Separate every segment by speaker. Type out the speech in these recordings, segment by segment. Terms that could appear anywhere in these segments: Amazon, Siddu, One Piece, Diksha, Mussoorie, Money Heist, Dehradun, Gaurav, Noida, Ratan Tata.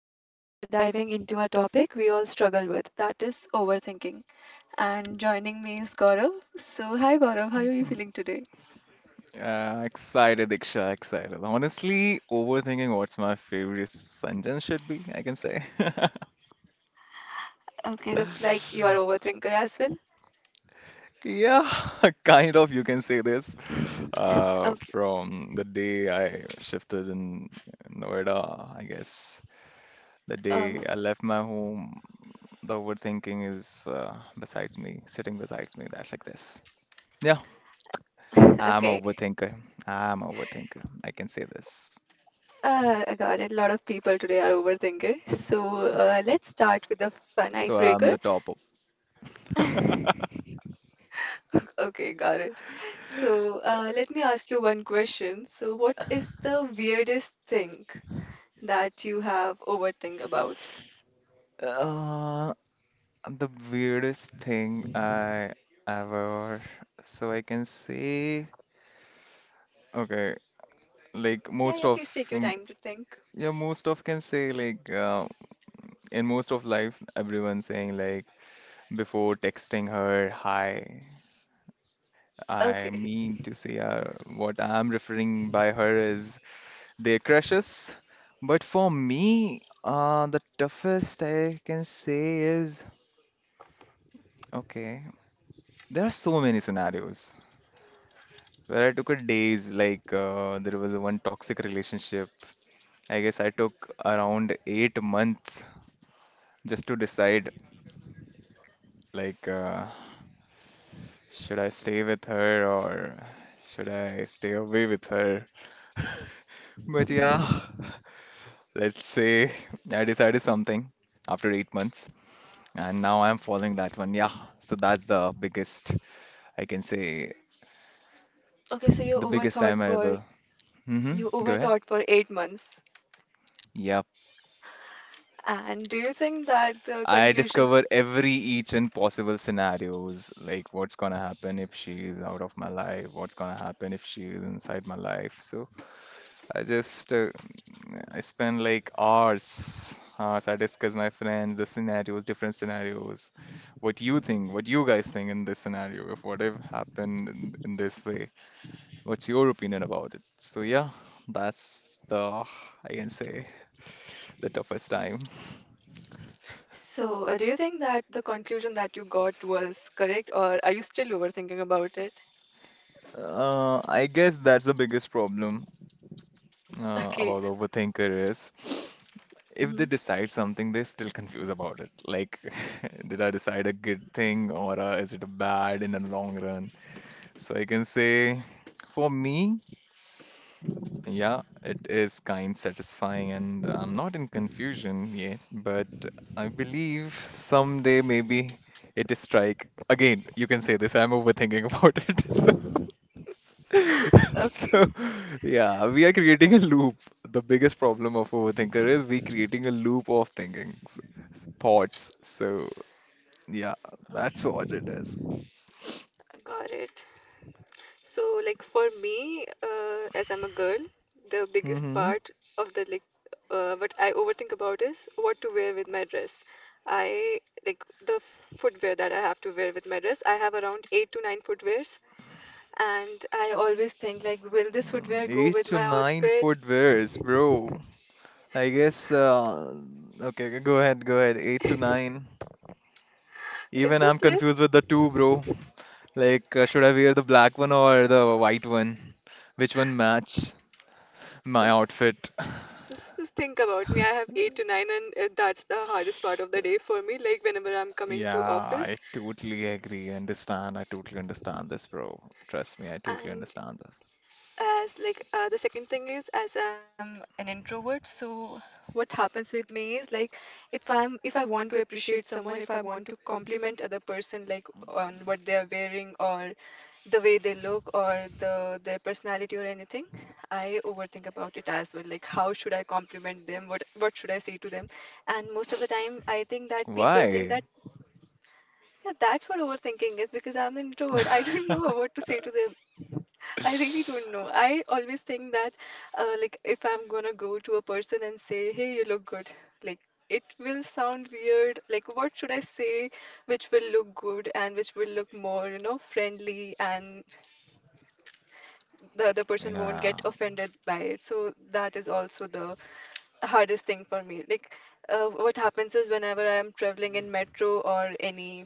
Speaker 1: and today we are diving into a topic we all struggle with, that is overthinking. And joining me is Gaurav. So, hi Gaurav, how are you feeling today?
Speaker 2: Excited, Diksha, excited. Honestly, overthinking what's my favorite sentence should be, I can say.
Speaker 1: Okay, looks like you are overthinker as well.
Speaker 2: Yeah, kind of, you can say this. Uh,
Speaker 1: Okay.
Speaker 2: from the day I shifted in Noida, I guess. The day
Speaker 1: Oh,
Speaker 2: I left my home, the overthinking is besides me, sitting besides me. That's like this. Yeah, I'm a
Speaker 1: okay.
Speaker 2: overthinker. I'm a overthinker. I can say this.
Speaker 1: I got it. A lot of people today are overthinkers. So, let's start with the fun
Speaker 2: So I'm
Speaker 1: icebreaker.
Speaker 2: the top of.
Speaker 1: Okay, got it. So, let me ask you one question. So, what is the weirdest thing that you have overthink about?
Speaker 2: Uh, The weirdest thing I ever, so I can say, okay, like
Speaker 1: Yeah,
Speaker 2: most
Speaker 1: yeah,
Speaker 2: of,
Speaker 1: please take your
Speaker 2: mm,
Speaker 1: time to think.
Speaker 2: yeah, most of can say like in most of lives, everyone saying like before texting her hi, I
Speaker 1: Okay.
Speaker 2: mean to say what I'm referring by her is their crushes, but for me, the toughest I can say is okay. There are so many scenarios. Where I took a days, like there was a one toxic relationship. I guess I took around 8 months just to decide, like, should I stay with her or should I stay away with her? But yeah, let's say I decided something after 8 months, and now I'm following that one. Yeah, so that's the biggest, I can say,
Speaker 1: Okay, so
Speaker 2: the biggest time I ever. Mm-hmm.
Speaker 1: you
Speaker 2: Go ahead.
Speaker 1: overthought for 8 months.
Speaker 2: Yeah,
Speaker 1: And do you think that the
Speaker 2: I
Speaker 1: conclusion
Speaker 2: discover every each and possible scenarios, like what's gonna happen if she is out of my life, what's gonna happen if she is inside my life. So I just I spend like hours, hours. I discuss my friends, the scenarios, different scenarios. What you think, what you guys think in this scenario, if what if happened in this way, what's your opinion about it? So yeah, that's the I can say the toughest time.
Speaker 1: do you think that the conclusion that you got was correct or are you still overthinking about it?
Speaker 2: I guess that's the biggest problem.
Speaker 1: Okay.
Speaker 2: About the overthinker is if
Speaker 1: Hmm.
Speaker 2: they decide something, they still confuse about it. Like, did I decide a good thing or is it a bad in the long run? So I can say, for me, yeah, it is kind satisfying, and I'm not in confusion yet. But I believe someday maybe it is strike. Again, you can say this. I'm overthinking about it. So.
Speaker 1: Okay,
Speaker 2: So, yeah, we are creating a loop. The biggest problem of overthinker is we creating a loop of thinking, thoughts. So, yeah, that's what it is.
Speaker 1: got it. So, like for me, as I'm a girl, the biggest
Speaker 2: Mm-hmm.
Speaker 1: part of the like what I overthink about is what to wear with my dress. I like the f footwear that I have to wear with my dress. I have around eight to nine footwears, and I always think like, will this footwear go
Speaker 2: Eight
Speaker 1: with
Speaker 2: to
Speaker 1: my
Speaker 2: nine
Speaker 1: outfit?
Speaker 2: footwears, bro. I guess, okay, okay, go ahead, go ahead. 8 to 9.
Speaker 1: Is
Speaker 2: Even I'm
Speaker 1: this less?
Speaker 2: confused with the two, bro. Like, should I wear the black one or the white one? Which one match my
Speaker 1: Is,
Speaker 2: outfit?
Speaker 1: is this think about me. I have eight to nine, and that's the hardest part of the day for me. Like whenever I'm coming
Speaker 2: Yeah,
Speaker 1: to office,
Speaker 2: I totally agree. Understand. I totally understand this, bro. Trust me, I totally
Speaker 1: and
Speaker 2: understand this.
Speaker 1: as like the second thing is, as I'm an introvert, so what happens with me is like if I want to appreciate someone, if I want to compliment other person, like on what they are wearing or the way they look or the their personality or anything, I overthink about it as well, like how should I compliment them, what should I say to them. And most of the time I think that people think
Speaker 2: Why?
Speaker 1: that yeah, that's what overthinking is because I'm an introvert. I don't know what to say to them. I really don't know. I always think that, like, if I'm gonna go to a person and say, hey, you look good, like, it will sound weird. Like, what should I say which will look good and which will look more, you know, friendly, and the other person won't
Speaker 2: Yeah.
Speaker 1: get offended by it. So, that is also the hardest thing for me. Like, what happens is whenever I am traveling in metro or any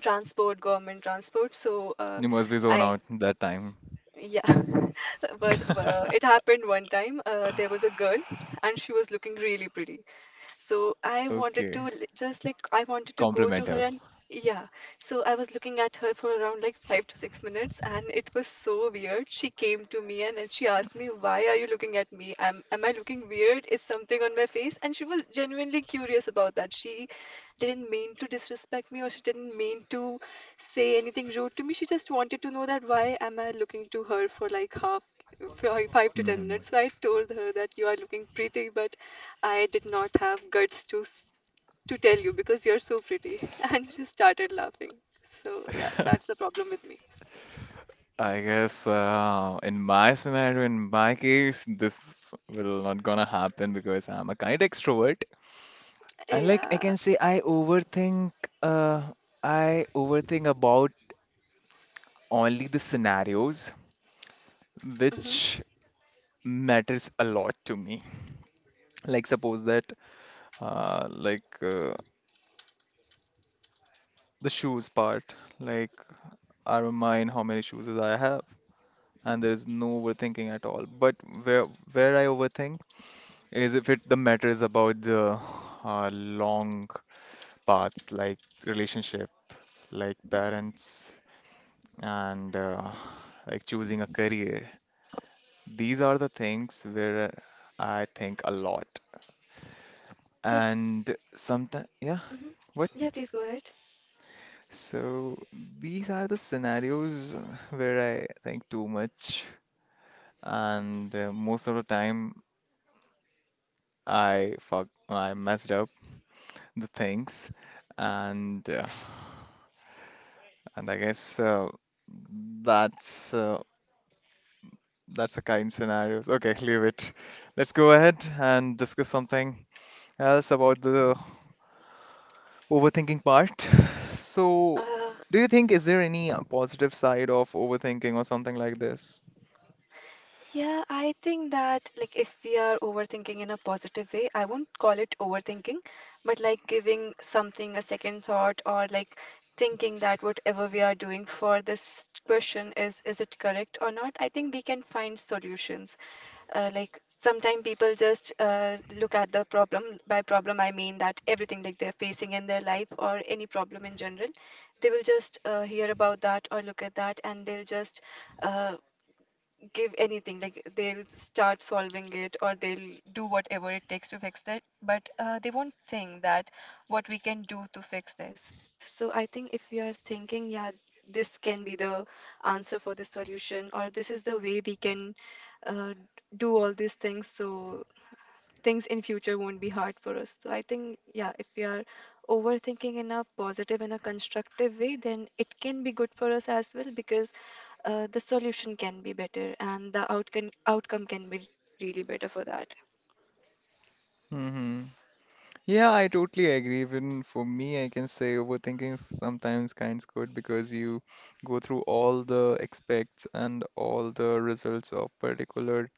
Speaker 1: transport, government transport, so uh,
Speaker 2: You must be zoned
Speaker 1: I
Speaker 2: out that time.
Speaker 1: yeah. But it happened one time. There was a girl and she was looking really pretty, so I wanted
Speaker 2: Okay.
Speaker 1: to just like I wanted to go to
Speaker 2: Compliment
Speaker 1: her
Speaker 2: her.
Speaker 1: and yeah. So I was looking at her for around like 5 to 6 minutes and it was so weird. She came to me and, she asked me, why are you looking at me? Am I looking weird? Is something on my face? And she was genuinely curious about that. She didn't mean to disrespect me or she didn't mean to say anything rude to me. She just wanted to know that why am I looking to her for like half, for like five to ten
Speaker 2: Mhm.
Speaker 1: minutes. So I told her that you are looking pretty, but I did not have guts to to tell you because you're so pretty. And she started laughing. So yeah, that's the problem with me.
Speaker 2: I guess in my scenario, in my case, this will not gonna happen because I'm a kind extrovert. And like I
Speaker 1: Yeah.
Speaker 2: can say, I overthink. Uh, I overthink about only the scenarios
Speaker 1: Hmm.
Speaker 2: which matters a lot to me. Like suppose that uh, like uh, the shoes part, like I don't mind how many shoes I have, and there is no overthinking at all. But where where I overthink is if it the matter is about the long paths, like relationship, like parents, and like choosing a career. These are the things where I think a lot.
Speaker 1: What?
Speaker 2: And sometimes, yeah,
Speaker 1: Hmm.
Speaker 2: what?
Speaker 1: Yeah, please go ahead.
Speaker 2: So these are the scenarios where I think too much, and most of the time I fuck, I messed up the things, and uh, and I guess that's uh, that's the kind scenarios. Okay, leave it. Let's go ahead and discuss something else about the overthinking part. So,
Speaker 1: Uh,
Speaker 2: do you think is there any positive side of overthinking or something like this?
Speaker 1: Yeah, I think that like if we are overthinking in a positive way, I won't call it overthinking, but like giving something a second thought, or like thinking that whatever we are doing for this question, is it correct or not? I think we can find solutions. Like sometimes people just look at the problem. By problem, I mean that everything like they're facing in their life, or any problem in general, they will just hear about that or look at that, and they'll just uh, give anything, like they'll start solving it or they'll do whatever it takes to fix that, but they won't think that what we can do to fix this. So I think if you are thinking yeah, this can be the answer for this solution, or this is the way we can uh, do all these things, so things in future won't be hard for us. So I think yeah, if we are overthinking in a positive and a constructive way, then it can be good for us as well, because the solution can be better and the outcome can be really better for that.
Speaker 2: Hmm. Yeah, I totally agree. Even for me, I can say overthinking is sometimes kind of good because you go through all the expects and all the results of particular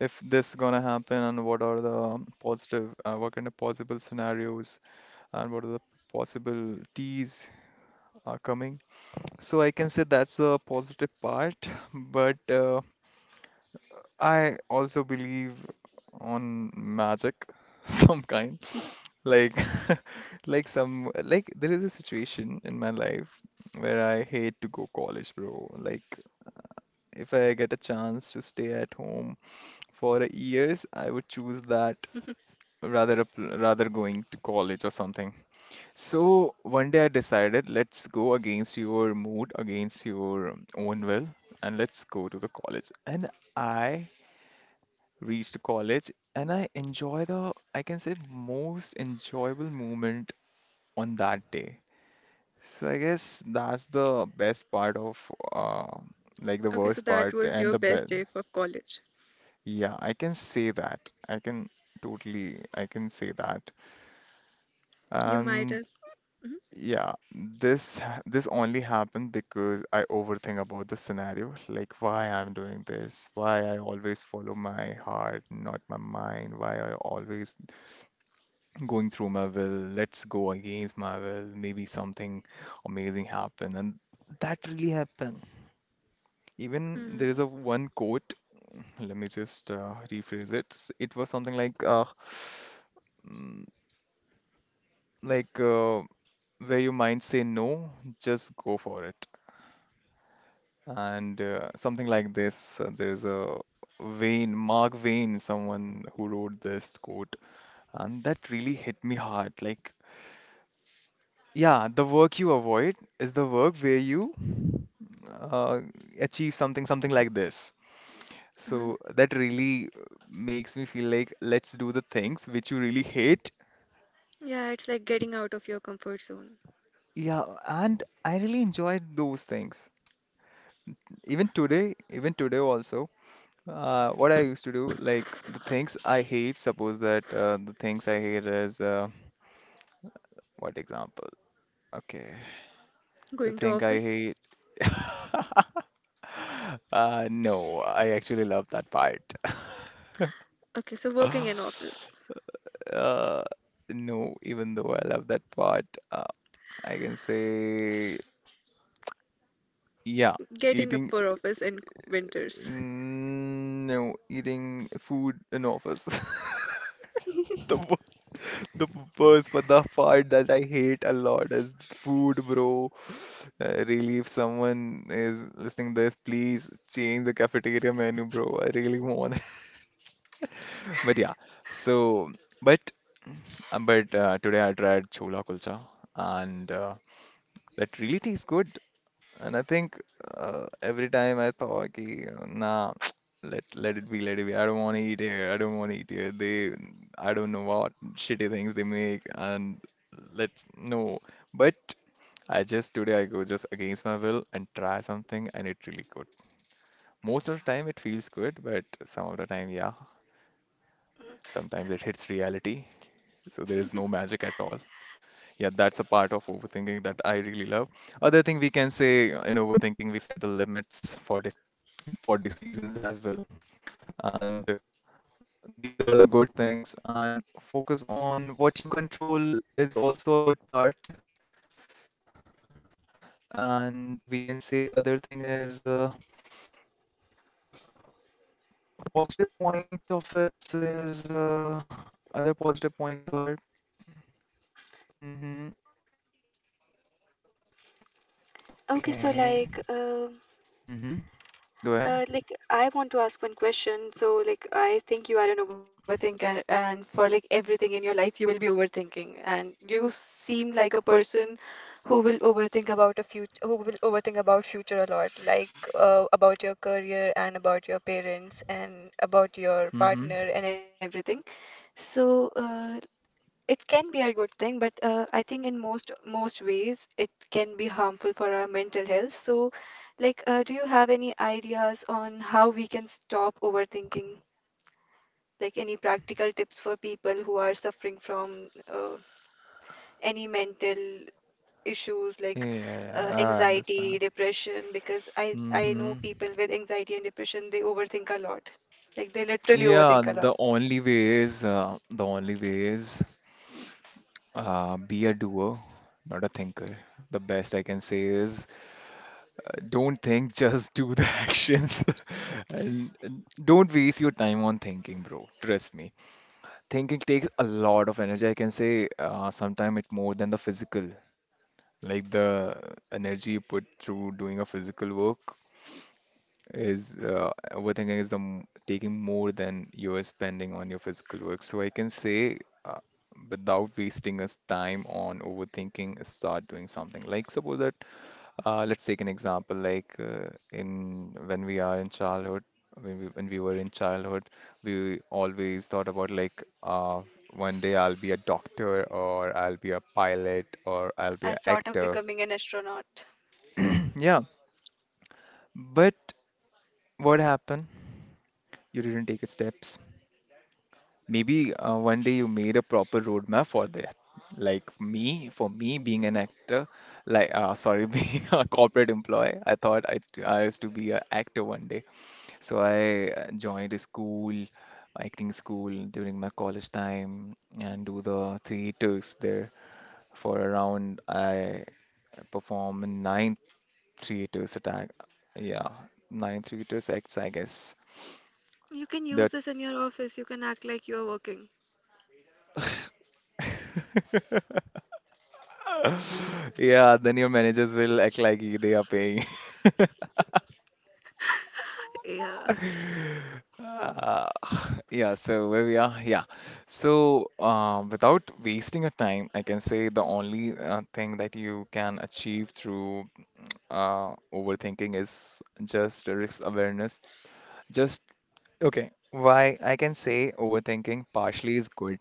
Speaker 2: if this gonna happen and what are the positive, what kind of possible scenarios and what are the possible T's are coming. So I can say that's a positive part, but I also believe on magic some kind. Like, like some like there is a situation in my life where I hate to go college, bro. Like, if I get a chance to stay at home for years, I would choose that rather going to college or something. So one day I decided, let's go against your mood, against your own will, and let's go to the college. And I reached college and I enjoy the, I can say, most enjoyable moment on that day. So I guess that's the best part of uh, like the
Speaker 1: Okay, so
Speaker 2: worst
Speaker 1: that
Speaker 2: part
Speaker 1: was
Speaker 2: and
Speaker 1: your
Speaker 2: the
Speaker 1: best
Speaker 2: best.
Speaker 1: day of college.
Speaker 2: Yeah, I can say that. I can totally, I can say that.
Speaker 1: You might
Speaker 2: And
Speaker 1: have. Hmm.
Speaker 2: yeah, this only happened because I overthink about the scenario, like why I'm doing this, why I always follow my heart, not my mind, why I always going through my will, let's go against my will, maybe something amazing happen, and that really happened. Even there
Speaker 1: Mm-hmm.
Speaker 2: is a one quote. Let me just rephrase it. It was something like, like uh, where your mind say no, just go for it, and something like this. There is a Wayne, Mark Wayne, someone who wrote this quote, and that really hit me hard. Like, yeah, the work you avoid is the work where you uh, achieve something, something like this.
Speaker 1: Mm-hmm.
Speaker 2: So that really makes me feel like let's do the things which you really hate.
Speaker 1: Yeah, it's like getting out of your comfort zone.
Speaker 2: Yeah, and I really enjoyed those things. Even today also, what I used to do, like the things I hate, suppose that the things I hate is, what example? Okay, the
Speaker 1: Going to
Speaker 2: thing I
Speaker 1: office.
Speaker 2: hate, no, I actually love that part.
Speaker 1: Okay, so working in office,
Speaker 2: Uh, no, even though I love that part, uh, I can say, yeah,
Speaker 1: getting up
Speaker 2: eating,
Speaker 1: for office in winters.
Speaker 2: mm, no, eating food in office. The The first, but the part that I hate a lot is food, bro. Really, if someone is listening this, please change the cafeteria menu, bro. I really want. It. But yeah, so but today I tried chola kulcha, and that really tastes good. And I think every time I thought, "Ki, nah, let it be, let it be. I don't want to eat here. I don't want to eat here. They, I don't know what shitty things they make, and let's no. But I just today I go just against my will and try something, and it really good. Most of
Speaker 1: So,
Speaker 2: the time it feels good, but some of the time, yeah,
Speaker 1: mm, so
Speaker 2: sometimes it hits reality. So there is no magic at all. Yeah, that's a part of overthinking that I really love. Other thing we can say in overthinking, we set limits for dis for decisions as well. And these are the good things. And focus on what you control is also a good part. And we can say other thing is positive point of it is other positive points are mm-hmm,
Speaker 1: okay, so
Speaker 2: okay. Mm-hmm. Go ahead.
Speaker 1: Like I want to ask one question. So like I think you are an overthinker and for like everything in your life you will be overthinking, and you seem like a person who will overthink about a future, who will overthink about future a lot, like about your career and about your parents and about your
Speaker 2: Mm-hmm.
Speaker 1: partner and everything. So it can be a good thing, but I think in most ways it can be harmful for our mental health. So, like, do you have any ideas on how we can stop overthinking? Like any practical tips for people who are suffering from uh, any mental issues like
Speaker 2: Yeah, I
Speaker 1: anxiety,
Speaker 2: understand.
Speaker 1: depression? Because I know
Speaker 2: Mm-hmm.
Speaker 1: people with anxiety and depression, they overthink a lot. Like they literally
Speaker 2: Yeah,
Speaker 1: overthink a lot.
Speaker 2: the only way is the only way is be a doer, not a thinker. The best I can say is don't think, just do the actions, and don't waste your time on thinking, bro. Trust me. Thinking takes a lot of energy. I can say sometimes it more than the physical, like the energy you put through doing a physical work. Is overthinking is the taking more than you're spending on your physical work. So I can say, uh, without wasting us time on overthinking, start doing something. Like suppose that, let's take an example. Like in when we are in childhood, when we were in childhood, we always thought about like, one day I'll be a doctor, or I'll be a pilot, or I'll be
Speaker 1: I
Speaker 2: an
Speaker 1: thought of
Speaker 2: actor.
Speaker 1: becoming an astronaut.
Speaker 2: Yeah, but what happened? You didn't take steps. Maybe one day you made a proper roadmap for that. Like me, for me being an actor, like sorry, being a corporate employee, I thought I used to be an actor one day. So I joined a school, acting school during my college time and do the theaters there for around I perform in 9 theaters attack. Yeah, 9 theaters acts, I guess.
Speaker 1: You can use
Speaker 2: That
Speaker 1: this in your office. You can act like you're working.
Speaker 2: yeah, then your managers will act like they are paying.
Speaker 1: Yeah.
Speaker 2: Uh, yeah, so where we are, yeah. So, without wasting your time, I can say the only thing that you can achieve through overthinking is just risk awareness. Just. Okay, why I can say overthinking partially is good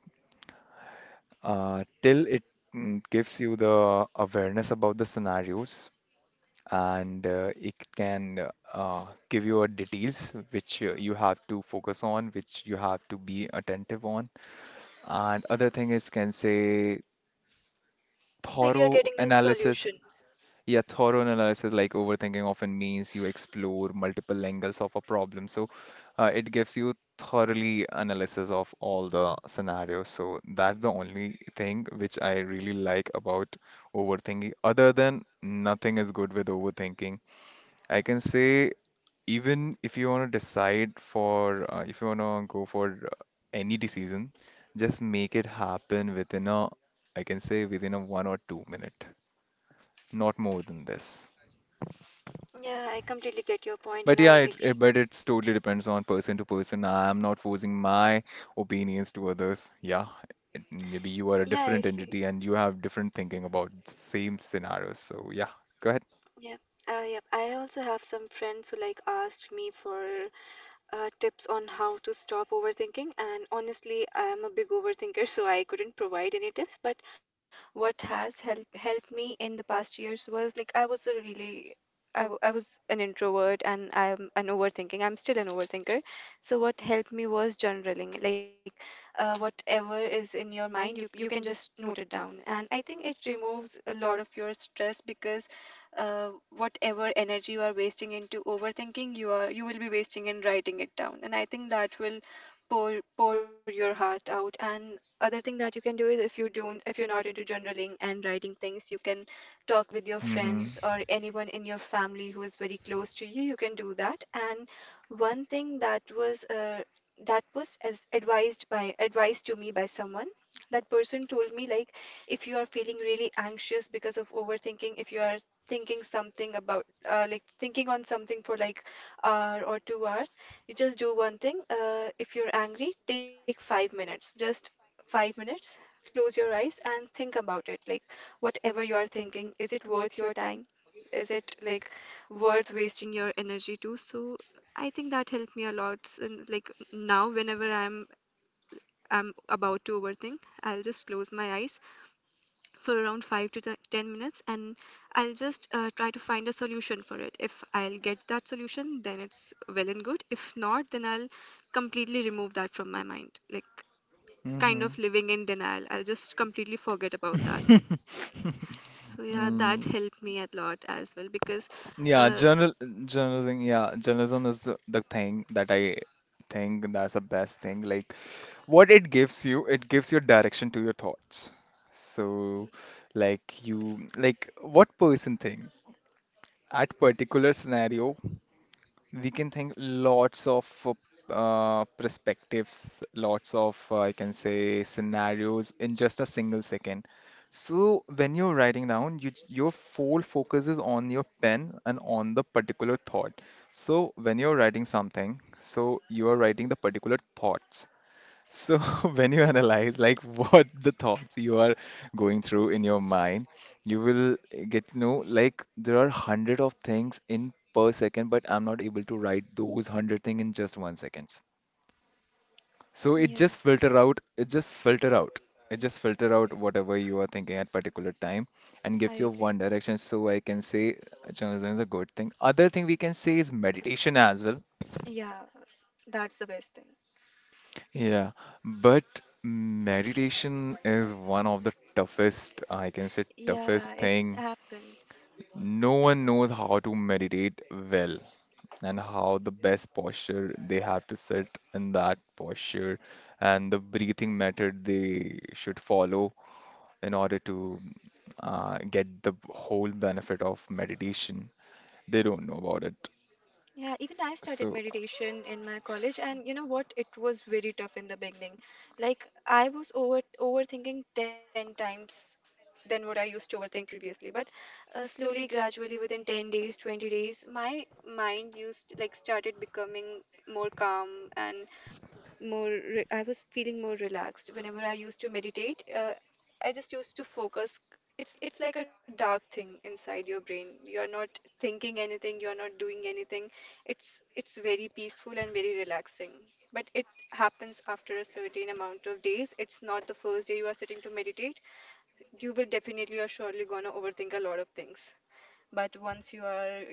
Speaker 2: till it gives you the awareness about the scenarios and it can give you a details which you have to focus on, which you have to be attentive on. And other thing is can say
Speaker 1: Like you're
Speaker 2: thorough
Speaker 1: getting a
Speaker 2: analysis.
Speaker 1: solution.
Speaker 2: Yeah, thorough analysis like overthinking often means you explore multiple angles of a problem. So it gives you thoroughly analysis of all the scenarios. So that's the only thing which I really like about overthinking. Other than nothing is good with overthinking, I can say, even if you want to decide for if you want to go for any decision, just make it happen within a, I can say within a one or two-minute, not more than this.
Speaker 1: Yeah, I completely get your point and
Speaker 2: But
Speaker 1: I
Speaker 2: yeah, it
Speaker 1: agree.
Speaker 2: but it's totally depends on person to person. I am not forcing my opinions to others. Yeah, maybe you are a
Speaker 1: Yeah, I
Speaker 2: different entity
Speaker 1: see.
Speaker 2: and you have different thinking about same scenarios. So yeah, go ahead.
Speaker 1: Yeah. Yep. I also have some friends who like asked me for tips on how to stop overthinking. And honestly, I'm a big overthinker, so I couldn't provide any tips. But what has helped me in the past years was like I was a really I was an introvert and I'm an overthinking. I'm still an overthinker. So what helped me was journaling. Like whatever is in your mind, you can just note it down. And I think it removes a lot of your stress because uh, whatever energy you are wasting into overthinking, you will be wasting in writing it down. And I think that will pour your heart out. And other thing that you can do is, if you don't, if you're not into journaling and writing things, you can talk with your
Speaker 2: Mm-hmm.
Speaker 1: friends or anyone in your family who is very close to you, you can do that. And one thing that was as advised to me by someone, that person told me like, if you are feeling really anxious because of overthinking, if you are thinking something about, like thinking on something for like hour or 2 hours, you just do one thing. If you're angry, take 5 minutes, just 5 minutes, close your eyes and think about it, like whatever you are thinking, is it worth your time, is it like worth wasting your energy to. So I think that helped me a lot, and like now whenever I'm about to overthink, I'll just close my eyes for around 5 to 10 minutes, and I'll just try to find a solution for it. If I'll get that solution, then it's well and good. If not, then I'll completely remove that from my mind, like kind of living in denial, I'll just completely forget about that.
Speaker 2: Mm-hmm.
Speaker 1: So yeah, that helped me a lot as well, because
Speaker 2: Yeah,
Speaker 1: uh,
Speaker 2: journalism. Yeah, journalism is the thing that I think that's the best thing. Like, what it gives you direction to your thoughts. So, like what person think at particular scenario, we can think lots of perspectives, lots of, I can say, scenarios in just a single second. So when you're writing down, you, your full focus is on your pen and on the particular thought. So when you're writing something, so you are writing the particular thoughts. So, when you analyze like what the thoughts you are going through in your mind, you will get to know like there are hundred of things in per second, but I'm not able to write those hundred thing in just one seconds. So it
Speaker 1: yeah.
Speaker 2: just filter out, it just filter out, it just filter out whatever you are thinking at particular time and gives
Speaker 1: I
Speaker 2: you
Speaker 1: agree.
Speaker 2: one direction. So I can say journalism is a good thing. Other thing we can say is meditation as well.
Speaker 1: Yeah, that's the best thing.
Speaker 2: Yeah, but meditation is one of the toughest, I can say,
Speaker 1: Yeah,
Speaker 2: toughest
Speaker 1: it
Speaker 2: thing.
Speaker 1: happens.
Speaker 2: No one knows how to meditate well and how the best posture they have to sit in that posture and the breathing method they should follow in order to get the whole benefit of meditation. They don't know about it.
Speaker 1: Yeah, even I started
Speaker 2: So.
Speaker 1: meditation in my college, and you know what? It was very tough in the beginning. Like I was overthinking 10 times than what I used to overthink previously. But slowly, gradually, within 10 days, 20 days, my mind used like started becoming more calm and more re I was feeling more relaxed. Whenever I used to meditate, I just used to focus. It's like a dark thing inside your brain. You're not thinking anything, you're not doing anything. It's very peaceful and very relaxing. But it happens after a certain amount of days. It's not the first day you are sitting to meditate. You will definitely are surely gonna overthink a lot of things. But once you are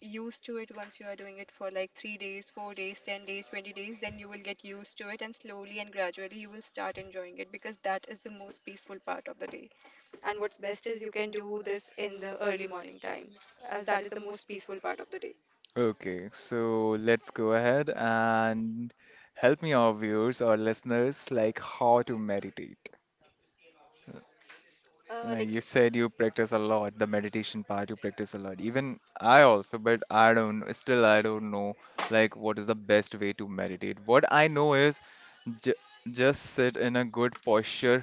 Speaker 1: used to it, once you are doing it for like 3 days, 4 days, 10 days, 20 days, then you will get used to it, and slowly and gradually you will start enjoying it, because that is the most peaceful part of the day. And what's best is you can do this in the early morning time, as that is the most peaceful part of the day.
Speaker 2: Okay, so let's go ahead and help me, our viewers or listeners, like how to meditate. Like you
Speaker 1: Uh, like,
Speaker 2: said, you practice a lot, the meditation part, you practice a lot. Even I also, but I don't, still, I don't know, like, what is the best way to meditate. What I know is j just sit in a good posture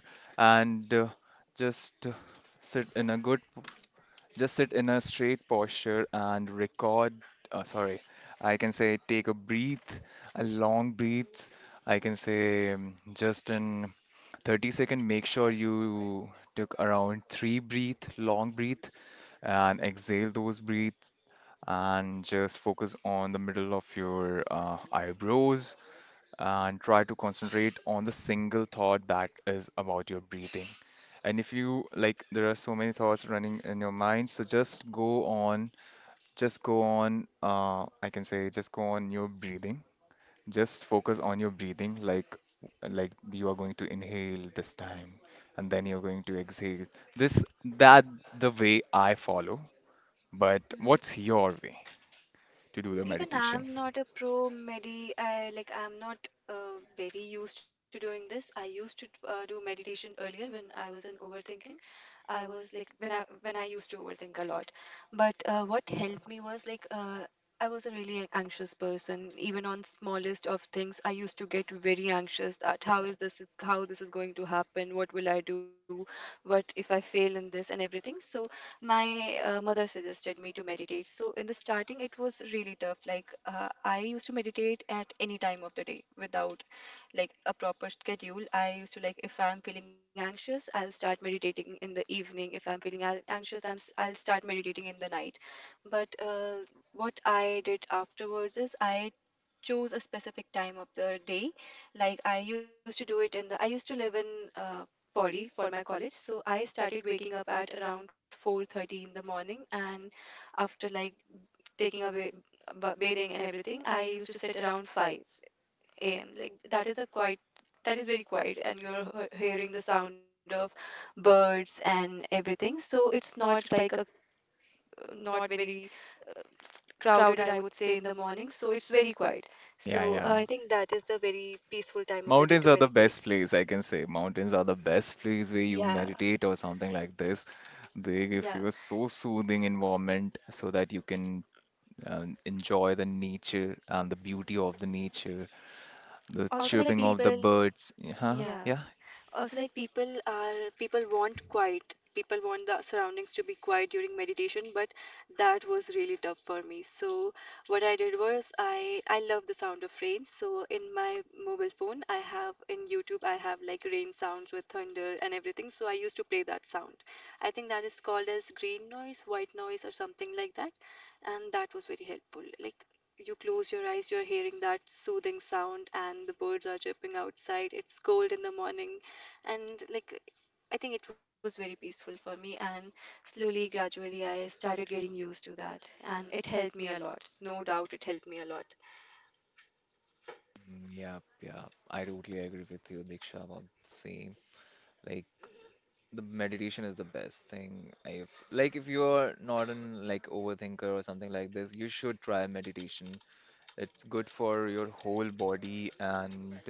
Speaker 2: and just sit in a good just sit in a straight posture and record. Uh, sorry, I can say take a breath, a long breath. I can say just in 30-second, make sure you took around three breath, long breath, and exhale those breaths. And just focus on the middle of your eyebrows and try to concentrate on the single thought that is about your breathing. And if you like, there are so many thoughts running in your mind, so just go on, I can say, just go on your breathing. Just focus on your breathing, like you are going to inhale this time, and then you're going to exhale. This that the way I follow. But what's your way to do the
Speaker 1: Even
Speaker 2: meditation?
Speaker 1: I'm not a pro medi. I, like, I'm not very used to doing this. I used to do meditation earlier when I was in overthinking. I was like when I used to overthink a lot. But what helped me was like I was a really anxious person. Even on smallest of things, I used to get very anxious that how this is going to happen? What will I do? What if I fail in this and everything? So my mother suggested me to meditate. So in the starting, it was really tough. Like I used to meditate at any time of the day without like a proper schedule. I used to like, if I'm feeling anxious, I'll start meditating in the evening. If I'm feeling anxious, I'll start meditating in the night. But what I did afterwards is I chose a specific time of the day, like I used to live in body for my college. So I started waking up at around 4:30 in the morning, and after like taking a bathing and everything, I used to sit around 5 a.m. Like that is very quiet, and you're hearing the sound of birds and everything, so it's not like a not very crowded, I would say, in the morning, so it's very quiet.
Speaker 2: Yeah,
Speaker 1: So
Speaker 2: yeah.
Speaker 1: I think that is the very peaceful time of the day
Speaker 2: Mountains
Speaker 1: to
Speaker 2: are the
Speaker 1: meditate.
Speaker 2: best place, I can say. Mountains are the best place where
Speaker 1: Yeah.
Speaker 2: you meditate or something like this. They
Speaker 1: Yeah.
Speaker 2: gives you a so soothing environment so that you can enjoy the nature and the beauty of the nature, the
Speaker 1: also like
Speaker 2: chirping of
Speaker 1: people
Speaker 2: the birds.
Speaker 1: Yeah.
Speaker 2: Yeah,
Speaker 1: Also, like people want quiet. People want the surroundings to be quiet during meditation, but that was really tough for me. So what I did was I love the sound of rain. So in my mobile phone, I have in YouTube I have like rain sounds with thunder and everything. So I used to play that sound. I think that is called as green noise, white noise, or something like that, and that was very helpful. Like, you close your eyes, you're hearing that soothing sound, and the birds are chirping outside. It's cold in the morning, and like, I think it was very peaceful for me, and slowly gradually I started getting used to that, and it helped me a lot, no doubt, it helped me a lot.
Speaker 2: yeah, yeah. I totally agree with you, Diksha, about the same. Like, the meditation is the best thing. If if you're not an like overthinker or something like this, you should try meditation. It's good for your whole body, and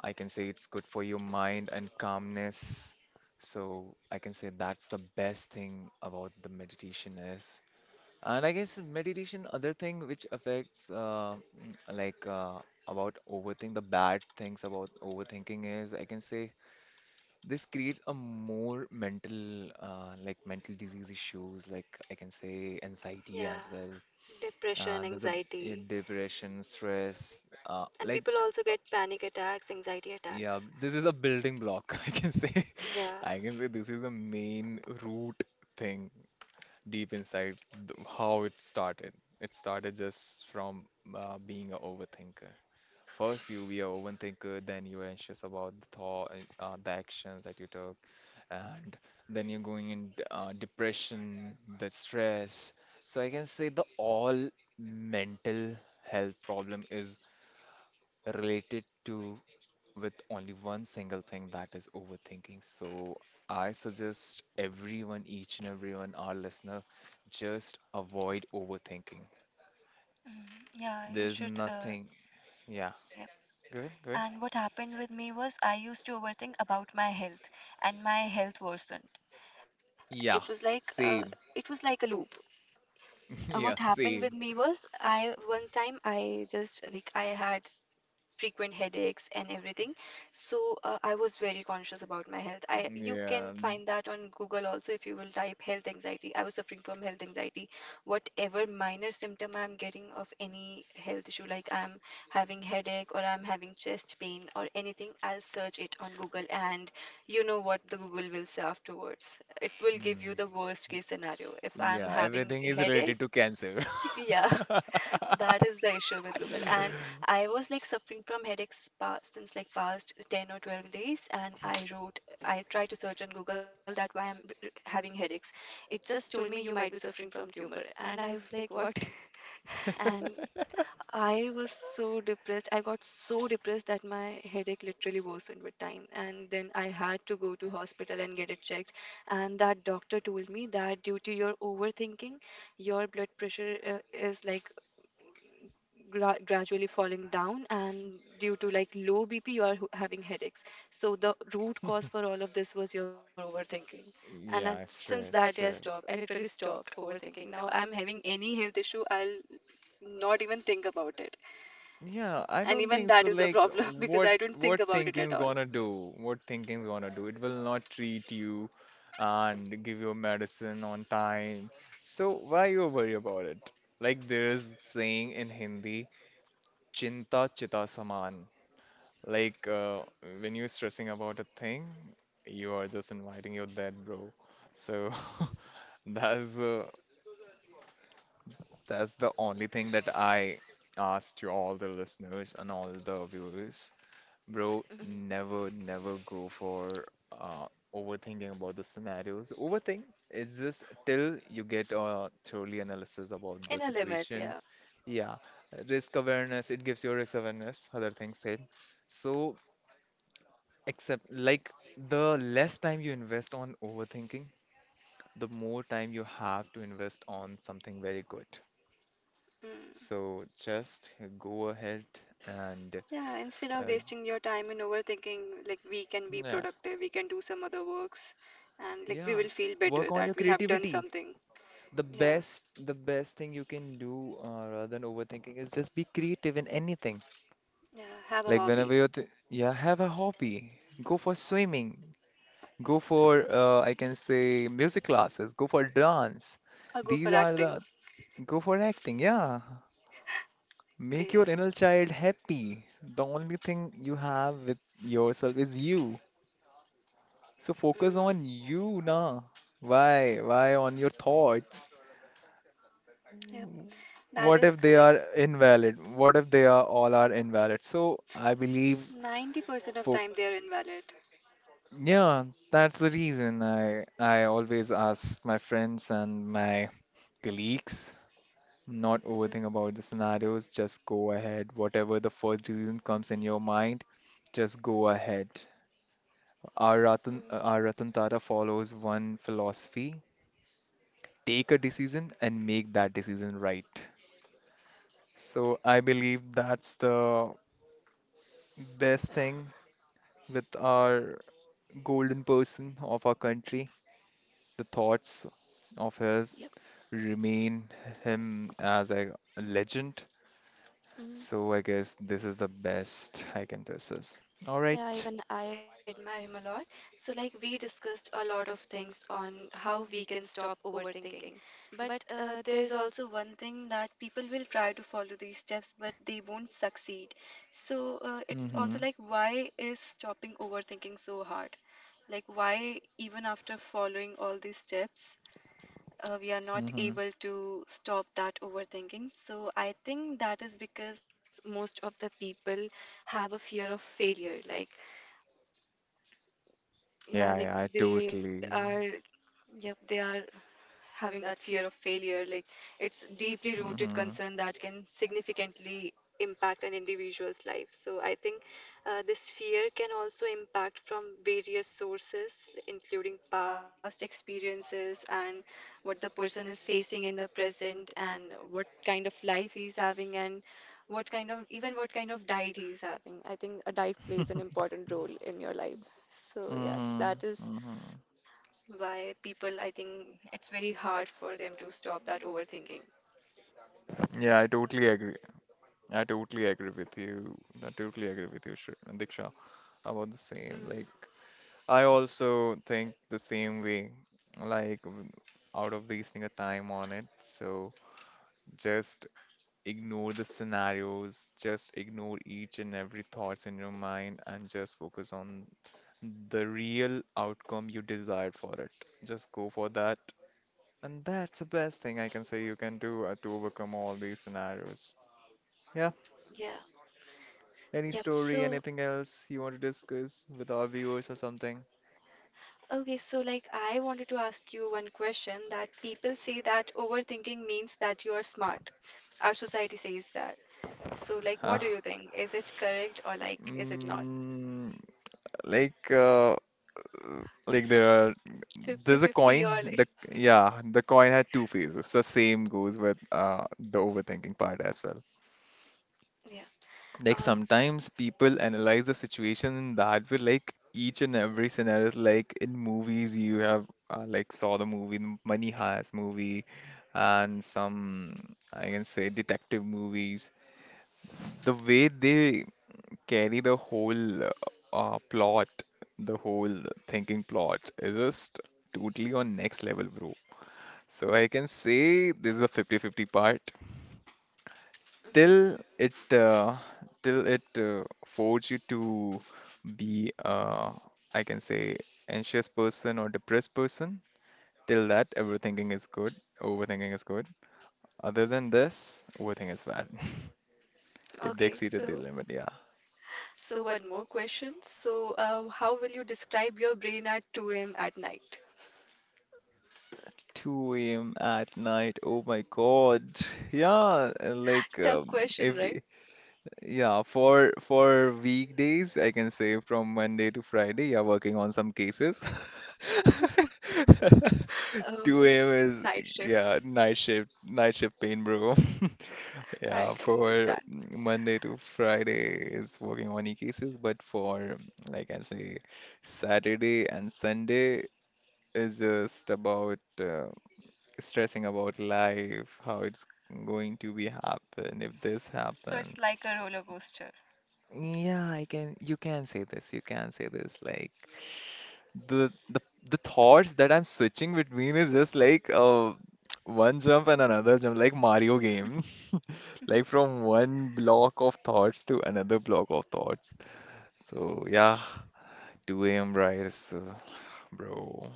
Speaker 2: I can say it's good for your mind and calmness. So I can say that's the best thing about the meditation is. And I guess meditation, other thing which affects about overthink, the bad things about overthinking is, I can say, this creates a more mental like mental disease issues, like I can say anxiety
Speaker 1: Yeah.
Speaker 2: as well.
Speaker 1: Depression,
Speaker 2: There's a Yeah,
Speaker 1: anxiety.
Speaker 2: depression, stress,
Speaker 1: And people also
Speaker 2: uh,
Speaker 1: get panic attacks, anxiety
Speaker 2: yeah,
Speaker 1: attacks.
Speaker 2: this is a building block, I can say.
Speaker 1: Yeah.
Speaker 2: I can say this is the main root thing deep inside th how it started. It started just from being a overthinker. First, you be a overthinker, then you're anxious about the thought, the actions that you took, and then you're going in depression, the stress. So I can say the all mental health problem is related to with only one single thing that is overthinking. So I suggest everyone, each and everyone, our listener, just avoid overthinking.
Speaker 1: Mm, yeah, you
Speaker 2: There's
Speaker 1: should,
Speaker 2: nothing. Yeah,
Speaker 1: yeah.
Speaker 2: go ahead, go ahead.
Speaker 1: And what happened with me was I used to overthink about my health, and my health worsened. It was
Speaker 2: Yeah,
Speaker 1: like
Speaker 2: same.
Speaker 1: a loop. What
Speaker 2: Yeah,
Speaker 1: happened with
Speaker 2: same.
Speaker 1: me was, I one time, I just like, I had frequent headaches and everything. So I was very conscious about my health. I You can
Speaker 2: Yeah.
Speaker 1: find that on Google also. If you will type health anxiety, I was suffering from health anxiety. Whatever minor symptom I'm getting of any health issue, like I'm having headache or I'm having chest pain or anything, I'll search it on Google, and you know what the Google will say afterwards, it will give you the
Speaker 2: mm,
Speaker 1: worst case scenario if I'm
Speaker 2: Yeah,
Speaker 1: having
Speaker 2: everything is related
Speaker 1: headache.
Speaker 2: to cancer.
Speaker 1: Yeah, that is the issue with Google. And I was like suffering from headaches past since like past 10 or 12 days. And I tried to search on Google that why I'm having headaches. It just told me you might be suffering from tumor. And I was like, what? And I was so depressed. I got so depressed that my headache literally worsened with time. And then I had to go to hospital and get it checked. And that doctor told me that due to your overthinking, your blood pressure is like gradually falling down, and due to like low bp you are having headaches. So the root cause for all of this was your overthinking. And I,
Speaker 2: Yeah,
Speaker 1: since that
Speaker 2: stress,
Speaker 1: day I
Speaker 2: stress.
Speaker 1: literally stopped overthinking. Now, I'm having any health issue, I'll not even think about it.
Speaker 2: Yeah, I
Speaker 1: And
Speaker 2: don't
Speaker 1: even
Speaker 2: think so.
Speaker 1: that is the
Speaker 2: Like,
Speaker 1: problem, because I don't think
Speaker 2: what
Speaker 1: about it at
Speaker 2: thinking's
Speaker 1: all.
Speaker 2: gonna do? What thinking's gonna do? It will not treat you and give you medicine on time. So why you worry about it? Like there is saying in Hindi, chinta chita saman. Like when you're stressing about a thing, you are just inviting your death, bro. So that's uh, that's the only thing that I ask to all the listeners and all the viewers. Bro,
Speaker 1: Mhm.
Speaker 2: never never go for overthinking about the scenarios. Overthink is just till you get a thoroughly analysis
Speaker 1: In a
Speaker 2: about the
Speaker 1: limit, yeah.
Speaker 2: situation. Yeah, risk awareness, it gives you risk awareness, other things said. So. Except, like, the less time you invest on overthinking, the more time you have to invest on something very good.
Speaker 1: Mm.
Speaker 2: So just go ahead and
Speaker 1: Yeah, instead of
Speaker 2: uh,
Speaker 1: wasting your time in overthinking, like, we can be
Speaker 2: yeah,
Speaker 1: productive, we can do some other works, and like, we
Speaker 2: yeah,
Speaker 1: will feel better
Speaker 2: work on
Speaker 1: that
Speaker 2: your
Speaker 1: we have done
Speaker 2: creativity.
Speaker 1: something. Yeah,
Speaker 2: The best thing you can do rather than overthinking is just be creative in anything.
Speaker 1: yeah, have a
Speaker 2: Like whenever
Speaker 1: hobby,
Speaker 2: you're, th yeah, have a hobby. Go for swimming. Go for, I can say, music classes. Go for dance.
Speaker 1: or go for
Speaker 2: These are the,
Speaker 1: acting.
Speaker 2: go for acting. Yeah. Make
Speaker 1: Yeah.
Speaker 2: your inner child happy. The only thing you have with yourself is you. So focus
Speaker 1: Mm.
Speaker 2: on you na. Why? Why on your thoughts?
Speaker 1: Yep, that
Speaker 2: What
Speaker 1: is
Speaker 2: if they
Speaker 1: correct.
Speaker 2: are invalid? What if they are all are invalid? So I believe
Speaker 1: 90% of
Speaker 2: fo
Speaker 1: time they are invalid.
Speaker 2: yeah, that's the reason I always ask my friends and my colleagues not
Speaker 1: Mm-hmm.
Speaker 2: overthink about the scenarios, just go ahead. Whatever the first reason comes in your mind, just go ahead.
Speaker 1: Mm.
Speaker 2: Our Ratan Tata follows one philosophy, take a decision and make that decision right. So I believe that's the best thing with our golden person of our country. The thoughts of his
Speaker 1: Yep.
Speaker 2: remain him as a legend.
Speaker 1: Mm-hmm.
Speaker 2: So I guess this is the best I can this is. All
Speaker 1: Yeah,
Speaker 2: right.
Speaker 1: even I admire him a lot. So, like, we discussed a lot of things on how we can stop overthinking. But there's also one thing that people will try to follow these steps, but they won't succeed. So, it's
Speaker 2: Mm-hmm.
Speaker 1: also like, why is stopping overthinking so hard? Like, why, even after following all these steps, we are not
Speaker 2: Mm-hmm.
Speaker 1: able to stop that overthinking. So I think that is because most of the people have a fear of failure. Like, yeah,
Speaker 2: Yeah,
Speaker 1: like
Speaker 2: yeah, I
Speaker 1: they are,
Speaker 2: totally.
Speaker 1: yep, they are having that fear of failure. Like, it's deeply rooted
Speaker 2: Mm-hmm.
Speaker 1: concern that can significantly impact an individual's life. So I think this fear can also impact from various sources, including past experiences, and what the person is facing in the present, and what kind of life he's having, and what kind of diet he's having. I think a diet plays an important role in your life. So yeah,
Speaker 2: Mm-hmm.
Speaker 1: that is
Speaker 2: Mm-hmm.
Speaker 1: why people, I think it's very hard for them to stop that overthinking.
Speaker 2: Yeah, I totally agree. I totally agree with you. I totally agree with you, Diksha, about the same.
Speaker 1: Mm,
Speaker 2: Like, I also think the same way, like, out of wasting a time on it. So just ignore the scenarios, just ignore each and every thoughts in your mind, and just focus on the real outcome you desired for it. Just go for that. And that's the best thing I can say you can do to overcome all these scenarios. Yeah.
Speaker 1: yeah.
Speaker 2: Any
Speaker 1: Yep.
Speaker 2: story,
Speaker 1: So,
Speaker 2: anything else you want to discuss with our viewers or something?
Speaker 1: okay, so like, I wanted to ask you one question, that people say that overthinking means that you are smart. Our society says that. So, like, what do you
Speaker 2: Huh.
Speaker 1: think? Is it correct, or like is it not?
Speaker 2: Mm, like uh, like
Speaker 1: Fifty-fifty,
Speaker 2: there's a
Speaker 1: 50,
Speaker 2: coin,
Speaker 1: or
Speaker 2: the,
Speaker 1: like,
Speaker 2: yeah, the coin had two faces, the same goes with the overthinking part as well.
Speaker 1: yeah.
Speaker 2: Like
Speaker 1: Also.
Speaker 2: sometimes people analyze the situation in that way, like each and every scenario, like in movies you have like saw the movie, the Money Heist movie, and some, I can say, detective movies. The way they carry the whole plot, the whole thinking plot is just totally on next level, bro. So I can say this is a fifty-fifty part
Speaker 1: Hmm.
Speaker 2: till it uh, till it force you to be I can say anxious person or depressed person. Till that, everythinking is good, overthinking is good. Other than this, overthinking is bad. If
Speaker 1: Okay.
Speaker 2: they exceeded
Speaker 1: So,
Speaker 2: the limit, yeah.
Speaker 1: so one more question. So, how will you describe your brain at 2 a.m. at night?
Speaker 2: 2 a.m. at night. Oh my God. Yeah, like
Speaker 1: Tough question,
Speaker 2: if
Speaker 1: right?
Speaker 2: yeah, for weekdays, I can say from Monday to Friday, yeah, working on some cases.
Speaker 1: Oh,
Speaker 2: 2 a.m.
Speaker 1: night
Speaker 2: is
Speaker 1: shifts.
Speaker 2: yeah, night shift pain, bro.
Speaker 1: I
Speaker 2: Yeah,
Speaker 1: can
Speaker 2: for
Speaker 1: understand.
Speaker 2: Monday to Friday is working on e-cases, but for like I say, Saturday and Sunday is just about stressing about life, how it's going to be happen if this
Speaker 1: So
Speaker 2: happen.
Speaker 1: it's like a roller coaster.
Speaker 2: Yeah, I can you can say this, you can say this. Like the the thoughts that I'm switching between is just like one jump and another jump, like Mario game. Like from one block of thoughts to another block of thoughts. So yeah, 2 a.m. rise, bro.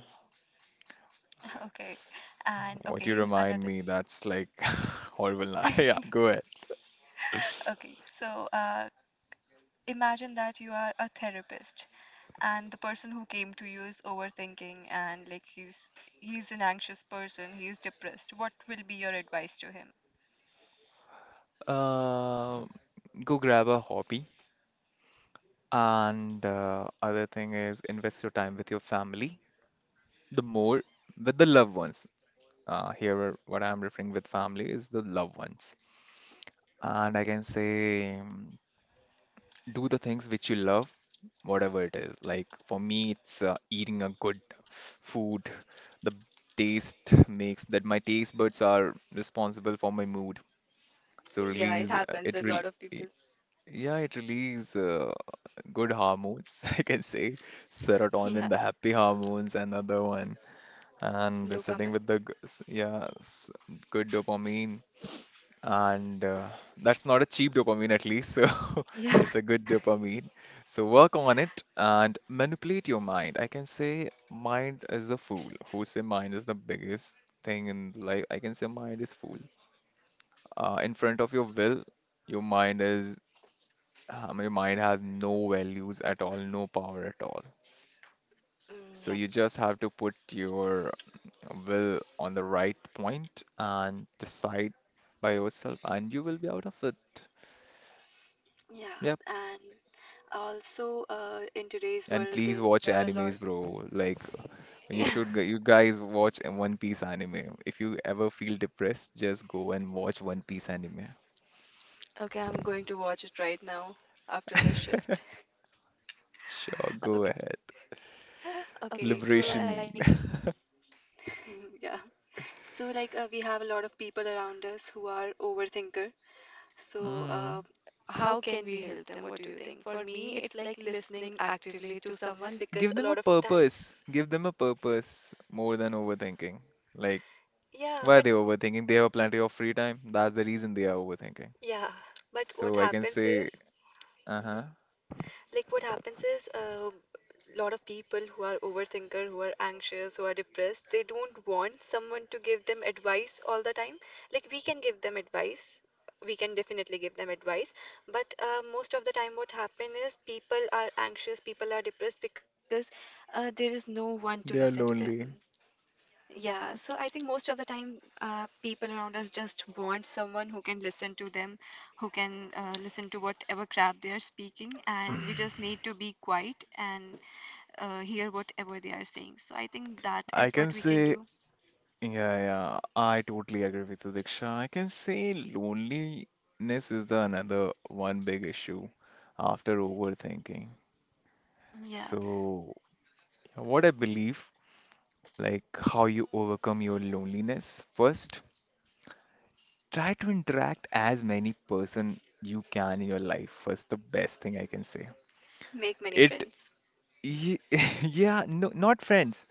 Speaker 1: Okay. And
Speaker 2: What you
Speaker 1: okay,
Speaker 2: remind
Speaker 1: another.
Speaker 2: me, that's like horrible. Yeah, go ahead.
Speaker 1: Okay, so imagine that you are a therapist, and the person who came to you is overthinking, and like, he's an anxious person, he's depressed. What will be your advice to him?
Speaker 2: Uh, Go grab a hobby. And other thing is invest your time with your family. The more with the loved ones. Here, what I'm referring with family is the loved ones. And I can say, do the things which you love, whatever it is. Like for me, it's eating a good food. The taste makes that my taste buds are responsible for my mood. So
Speaker 1: Yeah, it
Speaker 2: release
Speaker 1: happens
Speaker 2: it
Speaker 1: with a lot
Speaker 2: really.
Speaker 1: of people.
Speaker 2: Yeah, it releases good hormones, I can say.
Speaker 1: Yeah,
Speaker 2: Serotonin, the happy hormones, another one. And
Speaker 1: dopamine.
Speaker 2: sitting with the, yeah, good dopamine. And that's not a cheap dopamine, at least. So
Speaker 1: Yeah.
Speaker 2: it's a good dopamine. So work on it and manipulate your mind. I can say mind is the fool. Who say mind is the biggest thing in life? I can say mind is fool. In front of your will, your mind is your mind has no values at all, no power at all.
Speaker 1: Mm,
Speaker 2: So
Speaker 1: yep.
Speaker 2: you just have to put your will on the right point and decide by yourself, and you will be out of it.
Speaker 1: Yeah,
Speaker 2: Yep.
Speaker 1: and also in today's
Speaker 2: And
Speaker 1: world, there
Speaker 2: please
Speaker 1: are a
Speaker 2: watch
Speaker 1: lot.
Speaker 2: animes, bro. Like you guys watch a One Piece anime. If you ever feel depressed, just go and watch One Piece anime.
Speaker 1: Okay, I'm going to watch it right now after this shift. Okay,
Speaker 2: Sure, go ahead.
Speaker 1: okay, so like,
Speaker 2: Liberation.
Speaker 1: yeah. So like we have a lot of people around us who are overthinker. So
Speaker 2: Mm.
Speaker 1: how can we help them? What do you think? For me, it's like listening actively to someone, because
Speaker 2: Give
Speaker 1: a
Speaker 2: them a
Speaker 1: lot of time,
Speaker 2: purpose. Give them a purpose more than overthinking. Like,
Speaker 1: yeah,
Speaker 2: why are
Speaker 1: but
Speaker 2: they overthinking? They have plenty of free time. That's the reason they are overthinking.
Speaker 1: yeah, what
Speaker 2: So I can
Speaker 1: happens
Speaker 2: say,
Speaker 1: is,
Speaker 2: uh-huh,
Speaker 1: Mhm. Like what happens is, a lot of people who are overthinker, who are anxious, who are depressed, they don't want someone to give them advice all the time. Like, we can give them advice. We can definitely give them advice, but most of the time, what happens is people are anxious, people are depressed because there is no one to listen
Speaker 2: they
Speaker 1: to
Speaker 2: are
Speaker 1: them.
Speaker 2: lonely.
Speaker 1: Yeah, so I think most of the time, people around us just want someone who can listen to them, who can listen to whatever crap they are speaking, and we just need to be quiet and hear whatever they are saying. So I think that
Speaker 2: I
Speaker 1: is
Speaker 2: can
Speaker 1: what we can
Speaker 2: say,
Speaker 1: do.
Speaker 2: yeah, yeah, I totally agree with you, Diksha. I can say loneliness is the another one big issue after overthinking.
Speaker 1: Yeah,
Speaker 2: So, what I believe, like how you overcome your loneliness first. Try to interact as many person you can in your life. First, the best thing I can say.
Speaker 1: make many
Speaker 2: It,
Speaker 1: friends.
Speaker 2: ye- yeah, no, not friends.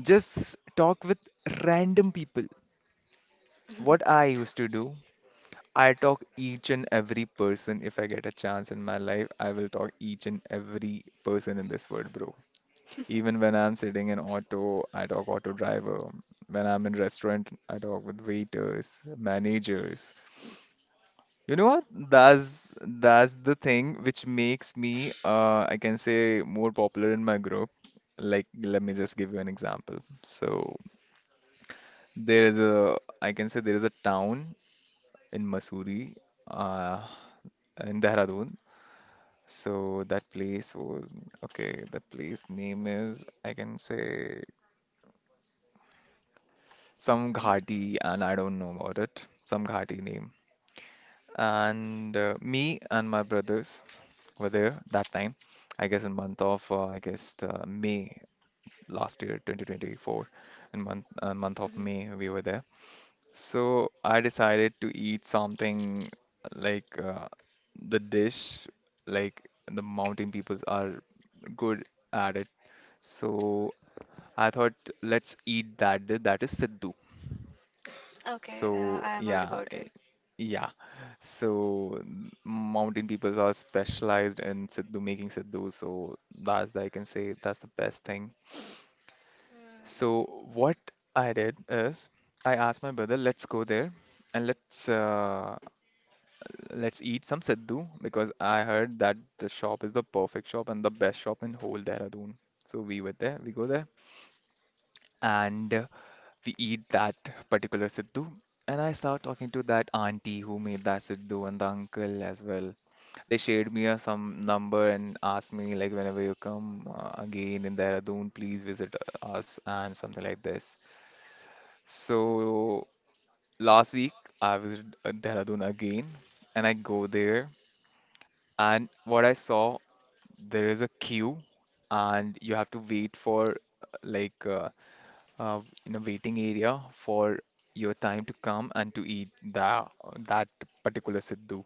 Speaker 2: Just talk with random people. What I used to do, I talk each and every person. If I get a chance in my life, I will talk each and every person in this world, bro. Even when I'm sitting in auto, I talk auto driver. When I'm in restaurant, I talk with waiters, managers. You know what? That's that's the thing which makes me, I can say, more popular in my group. Like, let me just give you an example. So there is a, I can say, there is a town in Mussoorie, uh, in Dehradun. So that place was okay. That place name is, I can say, some
Speaker 1: Hmm.
Speaker 2: Ghati, and I don't know about it. Some Ghati name. And me and my brothers, were there that time. I guess in month of I guess the May last year, 2024, in month
Speaker 1: Hmm.
Speaker 2: month of May we were there. So I decided to eat something like the dish like the mountain peoples are good at it. So I thought let's eat that. That is Siddu.
Speaker 1: Okay,
Speaker 2: So
Speaker 1: I have heard
Speaker 2: yeah,
Speaker 1: about it.
Speaker 2: yeah. So mountain peoples are specialized in siddhu making siddhu, so that's I can say that's the best thing.
Speaker 1: Mm.
Speaker 2: So what I did is I asked my brother, let's go there and let's eat some siddhu because I heard that the shop is the perfect shop and the best shop in whole Dehradun. So we were there, we go there. And we eat that particular Siddu. And I start talking to that auntie who made that Siddu and the uncle as well. They shared me a some number and asked me like whenever you come again in Dehradun, please visit us and something like this. So last week I visited Dehradun again and I go there and what I saw there is a queue and you have to wait for uh, like uh, uh, in a waiting area for your time to come and to eat that particular siddhu.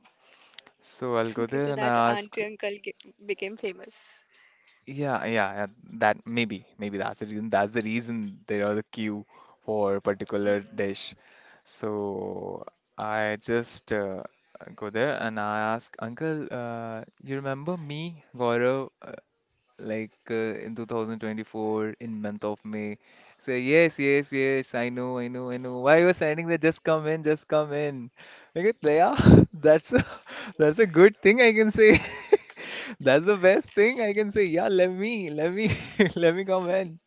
Speaker 2: So
Speaker 1: Okay,
Speaker 2: I'll
Speaker 1: so
Speaker 2: go
Speaker 1: that
Speaker 2: there and
Speaker 1: auntie
Speaker 2: I
Speaker 1: uncle
Speaker 2: ask,
Speaker 1: became famous.
Speaker 2: yeah, yeah, yeah, that maybe, maybe that's the reason. That's the reason there are the queue for a
Speaker 1: Mm.
Speaker 2: particular dish. So I just go there and I ask, Uncle, you remember me, Gaurav? In 2024 in month of May. Say yes, yes, yes. I know, I know, I know. Why you are signing that? Just come in, just come in. Like it, yeah, that's a, that's a good thing I can say. That's the best thing I can say. Let me come in.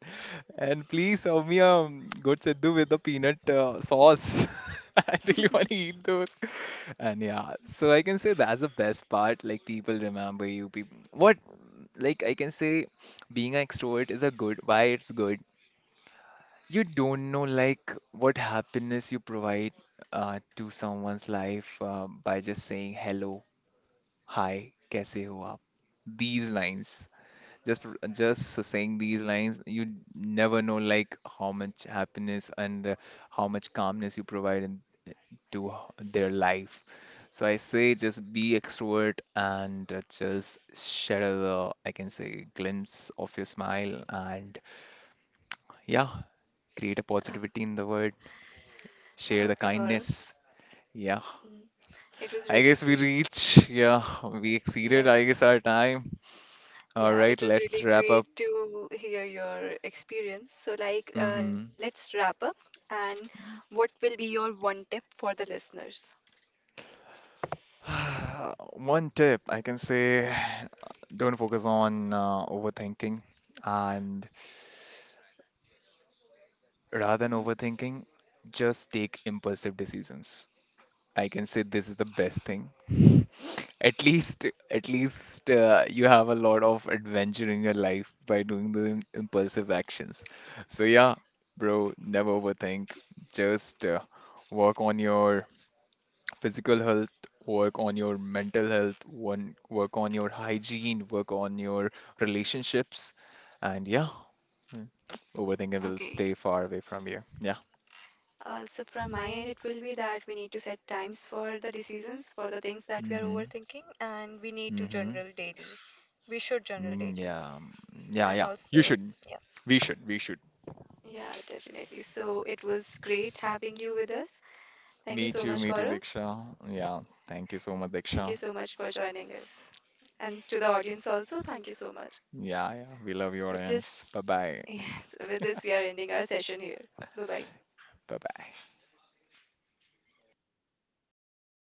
Speaker 2: And please serve me a good Sidhu with the peanut sauce. I really want to eat those. And yeah, so I can say that's the best part. Like people remember you. People, what? Like I can say, being an extrovert is a good. Why it's good? You don't know like what happiness you provide to someone's life by just saying hello, hi, kaise ho aap? These lines. Just saying these lines, you never know like how much happiness and how much calmness you provide into their life. So I say just be extrovert and just share the, I can say, glimpse of your smile and yeah, create a positivity in the world, share the
Speaker 1: Okay, Gaurav.
Speaker 2: kindness. Yeah,
Speaker 1: Mm. It was
Speaker 2: I
Speaker 1: really
Speaker 2: guess we
Speaker 1: great.
Speaker 2: reach. Yeah, we
Speaker 1: Yeah.
Speaker 2: exceeded, I guess, our time. All
Speaker 1: Yeah,
Speaker 2: right,
Speaker 1: it was
Speaker 2: let's
Speaker 1: really
Speaker 2: wrap
Speaker 1: great
Speaker 2: up.
Speaker 1: to hear your experience. So, like,
Speaker 2: Mm-hmm.
Speaker 1: let's wrap up. And what will be your one tip for the listeners?
Speaker 2: One tip I can say don't focus on overthinking and rather than
Speaker 1: Mhm.
Speaker 2: overthinking, just take impulsive decisions. I can say this is the best thing. At least you have a lot of adventure in your life by doing the impulsive actions. So yeah, bro, never overthink. Just work on your physical health, work on your mental health, one work on your hygiene, work on your relationships, and yeah, mm, overthinking will
Speaker 1: Okay.
Speaker 2: stay far away from you. Yeah.
Speaker 1: Also, from my end, it will be that we need to set times for the decisions, for the things that we are
Speaker 2: Mm-hmm.
Speaker 1: overthinking, and we need to
Speaker 2: Mm-hmm.
Speaker 1: journal daily. We should journal
Speaker 2: Mm,
Speaker 1: daily.
Speaker 2: yeah. Mm, yeah,
Speaker 1: And
Speaker 2: yeah. You
Speaker 1: also,
Speaker 2: should.
Speaker 1: yeah,
Speaker 2: We should. We should.
Speaker 1: yeah, definitely. So, it was great having you with us. Thank you
Speaker 2: Me
Speaker 1: so
Speaker 2: too.
Speaker 1: much,
Speaker 2: Me too,
Speaker 1: Gaurav.
Speaker 2: Diksha. Yeah. Thank you so much,
Speaker 1: Thank you
Speaker 2: Diksha.
Speaker 1: so much for joining us. And to the audience also, thank you so much.
Speaker 2: Yeah, yeah. We love your
Speaker 1: With
Speaker 2: audience.
Speaker 1: this,
Speaker 2: Bye bye.
Speaker 1: yes, with this, we are ending our session here. Bye bye.
Speaker 2: Bye bye.